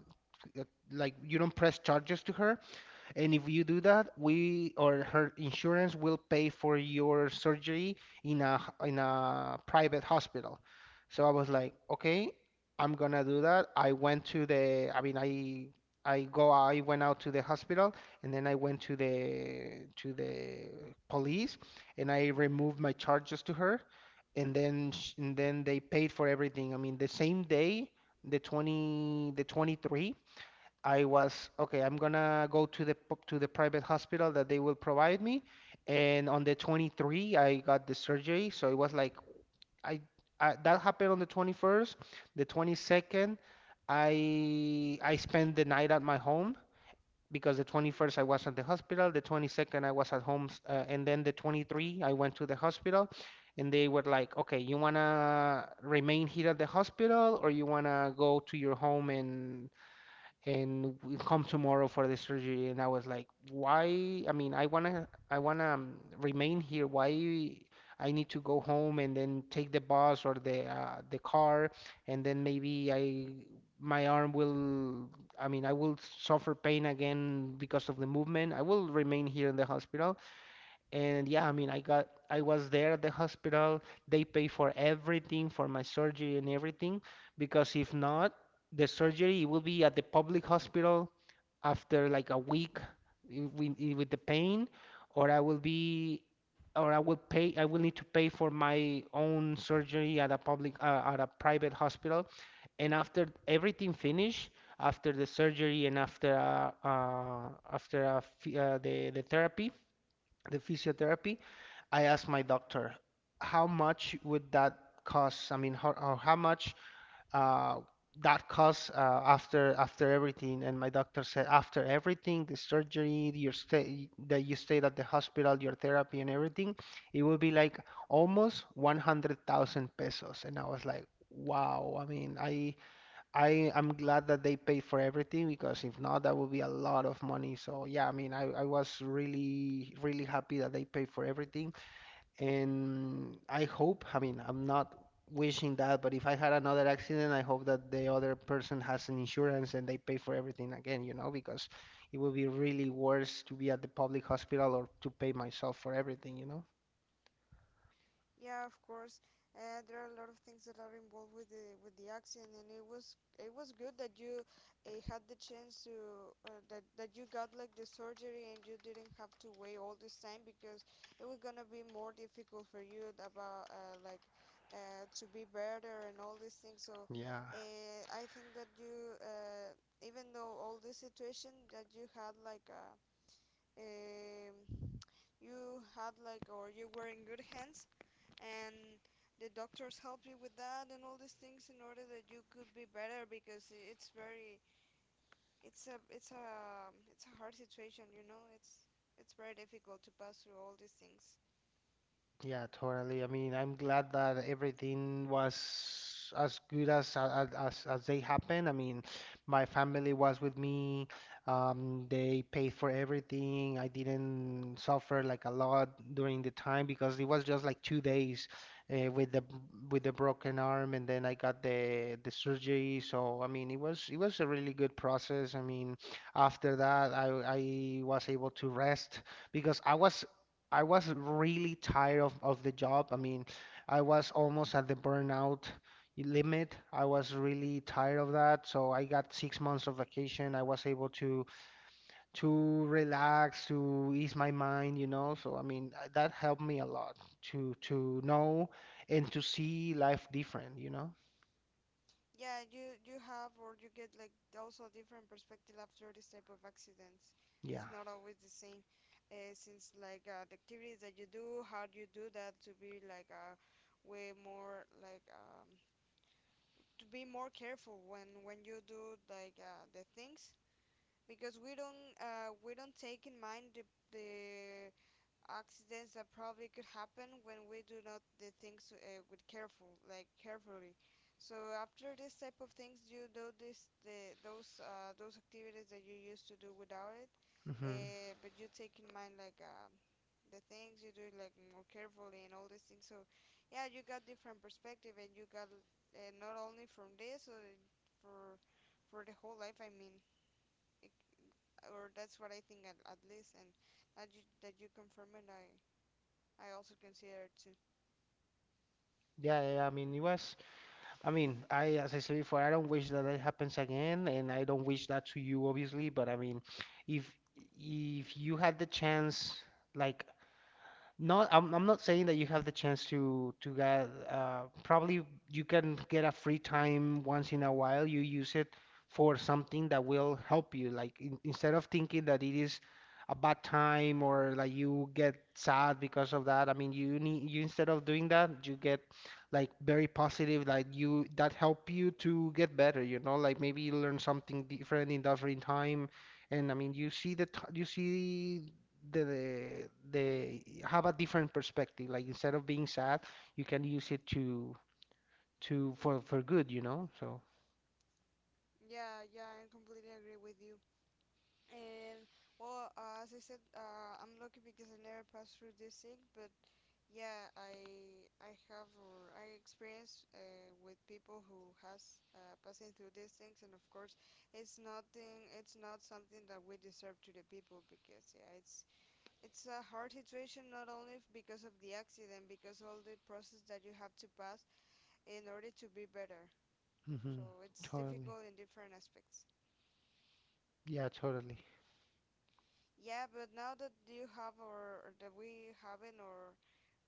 Speaker 2: uh, like you don't press charges to her." And if you do that, we, or her insurance, will pay for your surgery in in a private hospital. So I was like, okay, I'm gonna do that. I went to the, I mean, I went out to the hospital, and then I went to the police, and I removed my charges to her, and then and then they paid for everything. I mean, the same day, the 20, the 23. I was okay. I'm gonna go to to the private hospital that they will provide me, and on the 23, I got the surgery. So it was like, I, I that happened on the 21st. The 22nd, I spent the night at my home because the 21st I was at the hospital. The 22nd I was at home, and then the 23 I went to the hospital, and they were like, okay, you wanna remain here at the hospital, or you wanna go to your home and we come tomorrow for the surgery. And I was like, why? I mean, I wanna remain here. Why? I need to go home and then take the bus or the car, and then maybe I my arm will. I mean, I will suffer pain again because of the movement. I will remain here in the hospital. And yeah, I mean, I was there at the hospital. They pay for everything, for my surgery and everything, because if not, the surgery it will be at the public hospital after like a week with the pain, or I will be, or I will need to pay for my own surgery at a public, at a private hospital. And after everything finished, after the surgery and after after f the therapy, the physiotherapy, I asked my doctor, how much would that cost? I mean, how, or how much uh, that costs after everything? And my doctor said, after everything, the surgery, your stay that you stayed at the hospital, your therapy, and everything, it would be like almost 100,000 pesos. And I was like, wow. I mean, I'm glad that they pay for everything, because if not, that would be a lot of money. So yeah, I mean, I was really really happy that they pay for everything, and I hope. I mean, I'm not wishing that, but if I had another accident, I hope that the other person has an insurance and they pay for everything again, because it would be really worse to be at the public hospital or to pay myself for everything, you know?
Speaker 1: Yeah, of course. There are a lot of things that are involved with the accident, and it was good that you had the chance to that that you got like the surgery and you didn't have to wait all this time, because it was gonna be more difficult for you about to be better and all these things. So
Speaker 2: Yeah.
Speaker 1: I think that you even though all this situation that you had like a um, you had like or you were in good hands, and the doctors help you with that and all these things in order that you could be better, because it's very it's a it's a it's a hard situation, you know. It's very difficult to pass through all these things.
Speaker 2: Yeah, totally. I mean, I'm glad that everything was as good as as they happened. I mean, my family was with me. They paid for everything. I didn't suffer like a lot during the time because it was just like 2 days uh, with the with the broken arm, and then I got the surgery. So I mean, it was a really good process. I mean, after that, I was able to rest because I was really tired of the job. I mean, I was almost at the burnout limit. I was really tired of that. So I got 6 months of vacation. I was able to relax, to ease my mind, you know. So I mean, that helped me a lot to know and to see life different, you know.
Speaker 1: Yeah, you have or you get like also a different perspective after this type of accidents.
Speaker 2: Yeah.
Speaker 1: It's not always the same since the activities that you do, how do you do that to be way more to be more careful when you do the things, because we don't take in mind the accidents that probably could happen when we do not the things with careful, like carefully. So after this type of things, you do this the those activities that you used to do without it,
Speaker 2: Hmm.
Speaker 1: but you take in mind the things you do like more carefully and all these things. So yeah, you got different perspective, and you got not only from this, for for the whole life. I mean, or that's what I think at least, and that you confirm it, I also consider it too.
Speaker 2: Yeah, yeah, yeah. I mean, it was I mean, I, as I said before, I don't wish that that happens again, and I don't wish that to you, obviously. But I mean, if you had the chance, like, no, I'm not saying that you have the chance to get probably you can get a free time once in a while. You use it for something that will help you. Like instead of thinking that it is a bad time or like you get sad because of that. I mean, you need you instead of doing that, you get like very positive. Like, you, that help you to get better. You know, like maybe you learn something different in that free time. And I mean, you see the have a different perspective. Like instead of being sad, you can use it to for good, you know? So.
Speaker 1: Yeah, yeah, I completely agree with you. And well, as I said, I'm lucky because I never passed through this thing, but yeah, I have or I experienced with people who has passing through these things, and of course, it's nothing. It's not something that we deserve to the people, because yeah, it's a hard situation, not only because of the accident, because all the process that you have to pass in order to be better.
Speaker 2: Hmm.
Speaker 1: So it's
Speaker 2: Totally.
Speaker 1: difficult in different aspects.
Speaker 2: Yeah, totally.
Speaker 1: Yeah, but now that you have or that we haven't or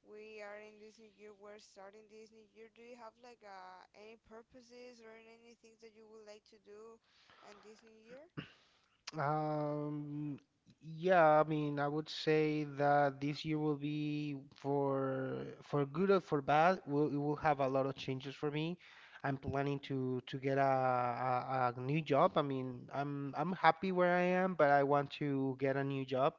Speaker 1: we are in this new year, we're starting this new year, do you have any purposes or any things that you would like to do in this new year?
Speaker 2: Um, yeah, I mean, I would say that this year will be for good or for bad, will it will have a lot of changes for me. I'm planning to get a, a new job. I mean, I'm happy where I am, but I want to get a new job.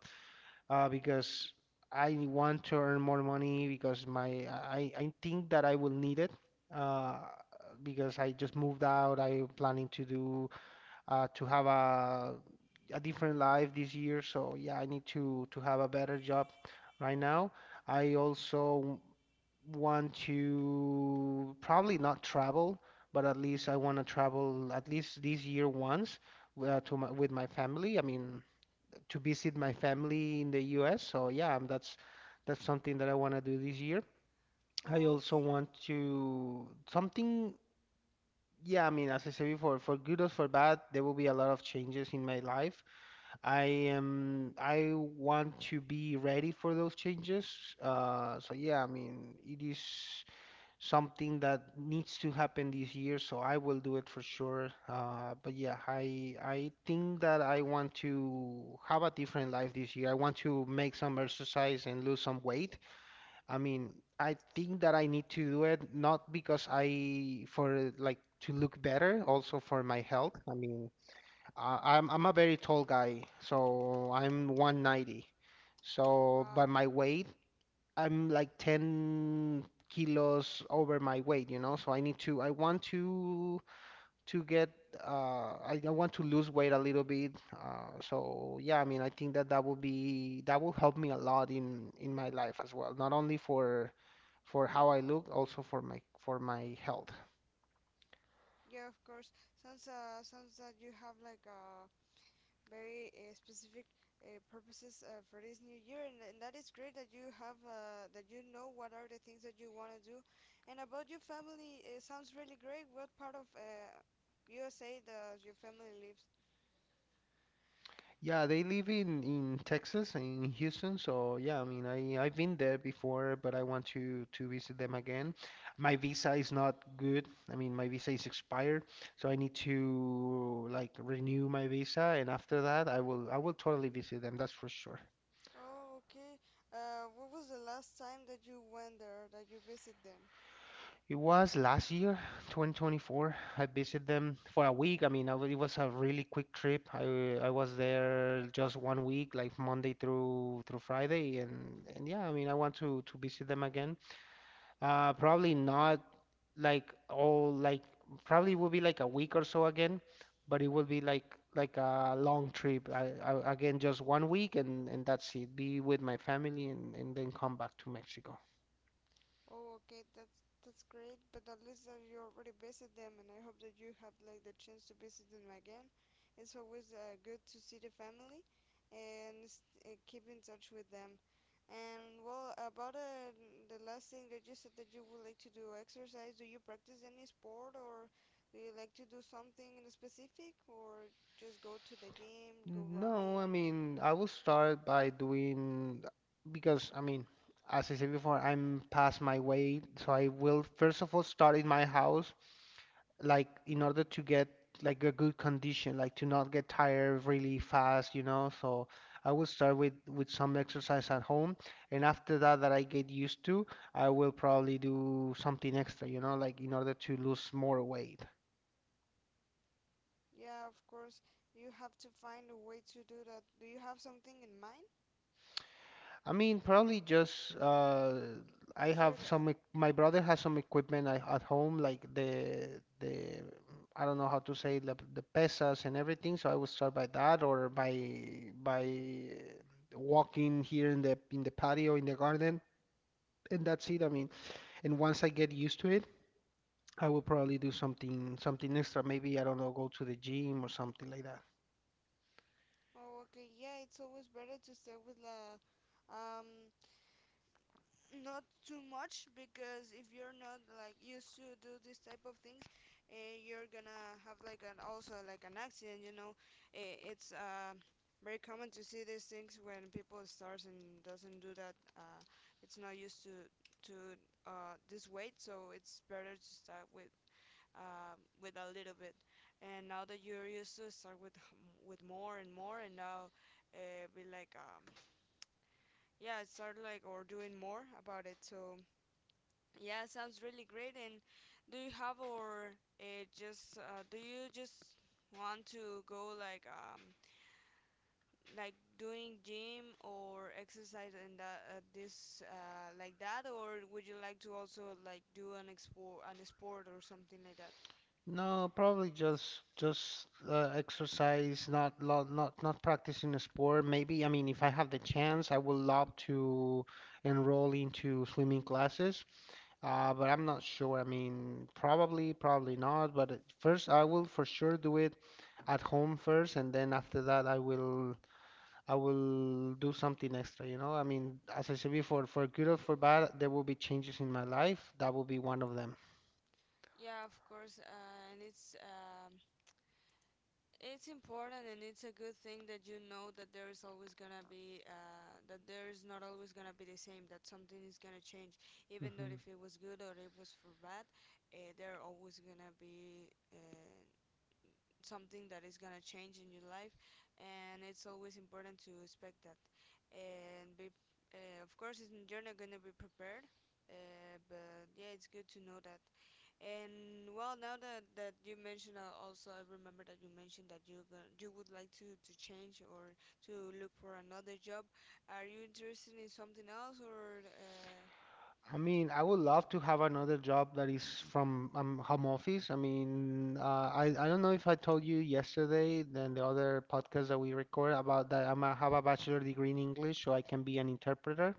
Speaker 2: Because I want to earn more money because I think that I will need it, uh, because I just moved out. I'm planning to have a different life this year. So yeah, I need to have a better job right now. I also want to probably not travel, but at least I want to travel at least this year once, with my family. I mean, to visit my family in the US. So yeah, that's something that I want to do this year. I also
Speaker 1: Okay.
Speaker 2: want to something, yeah, I mean, as I said before, for good or for bad, there will be a lot of changes in my life. I I want to be ready for those changes. So yeah, I mean, it is something that needs to happen this year, so I will do it for sure. But yeah, I think that I want to have a different life this year. I want to make some exercise and lose some weight. I mean, I think that I need to do it, not because I for like to look better, also for my health. I mean, I'm a very tall guy, so I'm 190. So, but
Speaker 1: Wow.
Speaker 2: my weight, I'm like 10 kilos over my weight, you know, so I need to, I want to get I want to lose weight a little bit. So yeah, I mean, I think that that will be that will help me a lot in my life as well, not only for how I look, also for my health.
Speaker 1: Yeah, of course. Sounds sounds that you have like a very specific purposes for this new year, and that is great that you have that you know what are the things that you want to do. And about your family, it sounds really great. What part of USA does your family lives?
Speaker 2: Yeah, they live in Texas, in Houston. So yeah, I mean, I've been there before, but I want to visit them again. My visa is not good. I mean, my visa is expired, so I need to like renew my visa, and after that, I will totally visit them. That's for sure.
Speaker 1: Oh, okay. What was the last time that you went there, that you visit them?
Speaker 2: It was last year, 2024. I visited them for a week. I mean, I w it was a really quick trip. I was there just one week, like Monday through Friday, and yeah, I mean, I want to visit them again. Probably not, like all, like probably will be like a week or so again, but it will be like a long trip. I again just one week, and that's it. Be with my family, and then come back to Mexico.
Speaker 1: Oh, okay, that's great. But at least that you already visit them, and I hope that you have like the chance to visit them again. It's always good to see the family, and keep in touch with them. And well, about the last thing that you said, that you would like to do exercise. Do you practice any sport, or do you like to do something in specific, or just go to the gym, go
Speaker 2: No, I
Speaker 1: running?
Speaker 2: mean, I will start by doing because I mean, as I said before, I'm past my weight, so I will first of all start in my house, like in order to get like a good condition, like to not get tired really fast, you know. So I will start with some exercise at home, and after that I get used to, I will probably do something extra, you know, like in order to lose more weight.
Speaker 1: Yeah, of course, you have to find a way to do that. Do you have something in mind?
Speaker 2: I mean, probably just I
Speaker 1: After
Speaker 2: have some. My brother has some equipment, I, at home, like the I don't know how to say, the pesas and everything. So I would start by that, or by walking here in the patio in the garden, and that's it. I mean, and once I get used to it, I will probably do something extra. Maybe I don't know, go to the gym or something like that.
Speaker 1: oh, okay, yeah, it's always better to start with um not too much, because if you're not like used to do this type of things, uh, you're gonna have like an also like an accident, you know. Eh, it's very common to see these things when people starts and doesn't do that. It's not used to to this weight, so it's better to start with a little bit, and now that you're used to it, start with with more and more, and now be yeah, start like or doing more about it. So yeah, sounds really great. And do you have or just do you just want to go like doing gym or exercise in that this like that, or would you like to also like do an expo an sport or something like that?
Speaker 2: No, probably just exercise, not not practicing a sport. Maybe, I mean, if I have the chance, I would love to enroll into swimming classes. But I'm not sure. I mean, probably not. But at first, I will for sure do it at home first, and then after that, I will do something extra. You know, I mean, as I said before, for good or for bad, there will be changes in my life. That will be one of them.
Speaker 1: Yeah, of course, and it's it's important, and it's a good thing that you know that there is always gonna be that there is not always gonna be the same. That something is gonna change, even though
Speaker 2: Mm-hmm.
Speaker 1: if it was good or it was for bad, there always gonna be something that is gonna change in your life, and it's always important to expect that. And be, of course, you're not gonna be prepared, but yeah, it's good to know that. And well, now that you mentioned, also I remember that you mentioned that you would like to change or to look for another job. Are you interested in something else, or
Speaker 2: I mean, I would love to have another job that is from home office. I mean, I don't know if I told you yesterday, then the other podcast that we record about, that I'm a, have a bachelor degree in English, so I can be an interpreter.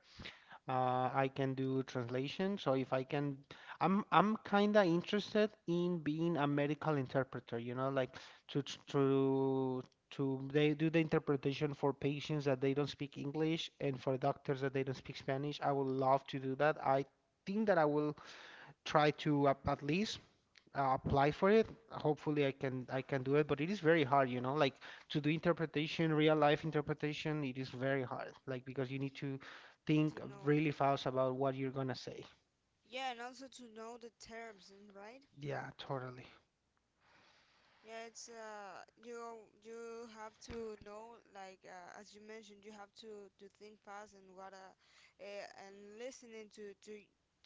Speaker 2: I can do translation. So if I can, I'm kind of interested in being a medical interpreter, you know, like to tr- to they do the interpretation for patients that they don't speak English, and for doctors that they don't speak Spanish. I would love to do that. I think that I will try to, at least, apply for it. Hopefully, I can do it, but it is very hard, you know, like to do interpretation, real life interpretation, it is very hard, like because you need to
Speaker 1: to
Speaker 2: think
Speaker 1: know?
Speaker 2: really fast about what you're gonna say.
Speaker 1: Yeah, and also to know the terms, and right?
Speaker 2: Yeah, totally.
Speaker 1: Yeah, it's you you have to know as you mentioned, you have to think fast, and what and listening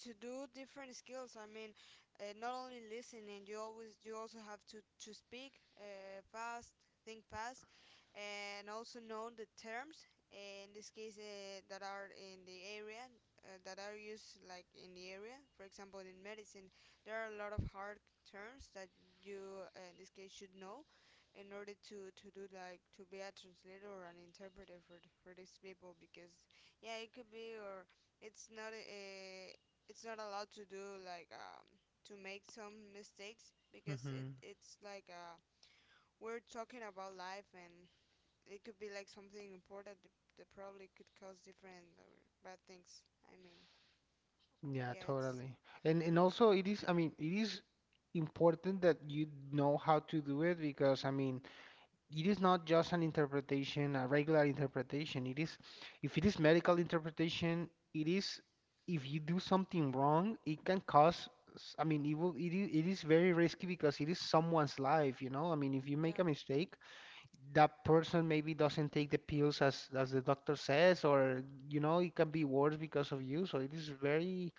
Speaker 1: to do different skills. I mean, not only listening, you always you also have to speak fast, think fast, and also know the terms. In this case, that are in the area that are used like in the area. For example, in medicine, there are a lot of hard terms that you in this case should know in order to do like to be a translator or an interpreter for for these people. Because yeah, it could be or it's not a it's not allowed to do like to make some mistakes, because it
Speaker 2: Hmm.
Speaker 1: it's like uh, we're talking about life, and it could be like something important that, that probably could cause different or bad things, I mean.
Speaker 2: Yeah,
Speaker 1: Yeah, it's
Speaker 2: totally. And
Speaker 1: it
Speaker 2: also it is, I mean, it is important that you know how to do it, because I mean, it is not just an interpretation, a regular interpretation. It is, if it is medical interpretation, it is, if you do something wrong, it can cause, I mean, it is very risky because it is someone's life, you know? I mean, if you make
Speaker 1: yeah
Speaker 2: a mistake, that person maybe doesn't take the pills as the doctor says, or, you know, it can be worse because of you. So it is very,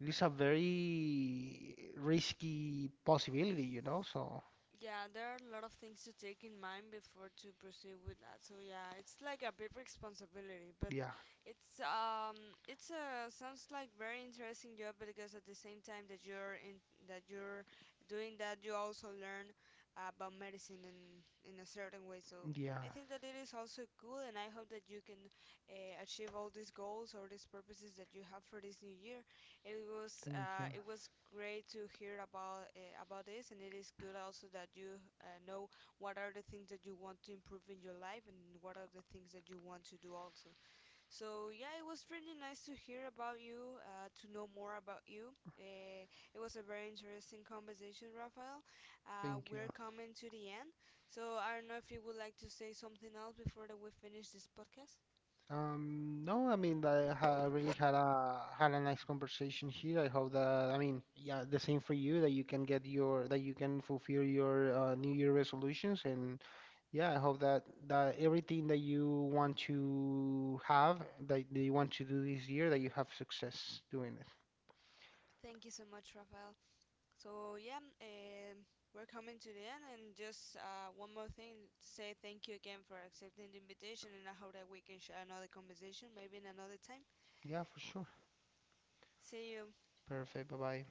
Speaker 2: it is a very risky possibility, you know? So,
Speaker 1: Yeah, there are a lot of things to take in mind before to proceed with that. So yeah, it's like a big responsibility, but
Speaker 2: yeah,
Speaker 1: it's um it's a sounds like very interesting job, because at the same time that you're in that you're doing that, you also learn about medicine in a certain way. So I
Speaker 2: yeah.
Speaker 1: think that it is also cool, and I hope that you can achieve all these goals or these purposes that you have for this new year.
Speaker 2: Thank you.
Speaker 1: It was great to hear about this, and it is good also that you know what are the things that you want to improve in your life, and what are the things that you want to do also. So yeah, it was really nice to hear about you, to know more about you. It was a very interesting conversation, Rafael.
Speaker 2: Thank you.
Speaker 1: We're coming to the end, so I don't know if you would like to say something else before that we finish this podcast.
Speaker 2: No, I mean, I ha really had a nice conversation here. I hope that, I mean, yeah, the same for you, that you can get your, that you can fulfill your New Year resolutions, and yeah, I hope that everything that you want to have, that, that you want to do this year, that you have success doing it.
Speaker 1: Thank you so much, Rafael. So yeah, we're coming to the end, and just one more thing, say thank you again for accepting the invitation, and I hope that we can share another conversation maybe in another time.
Speaker 2: Yeah, for sure.
Speaker 1: See you.
Speaker 2: Perfect. Bye bye.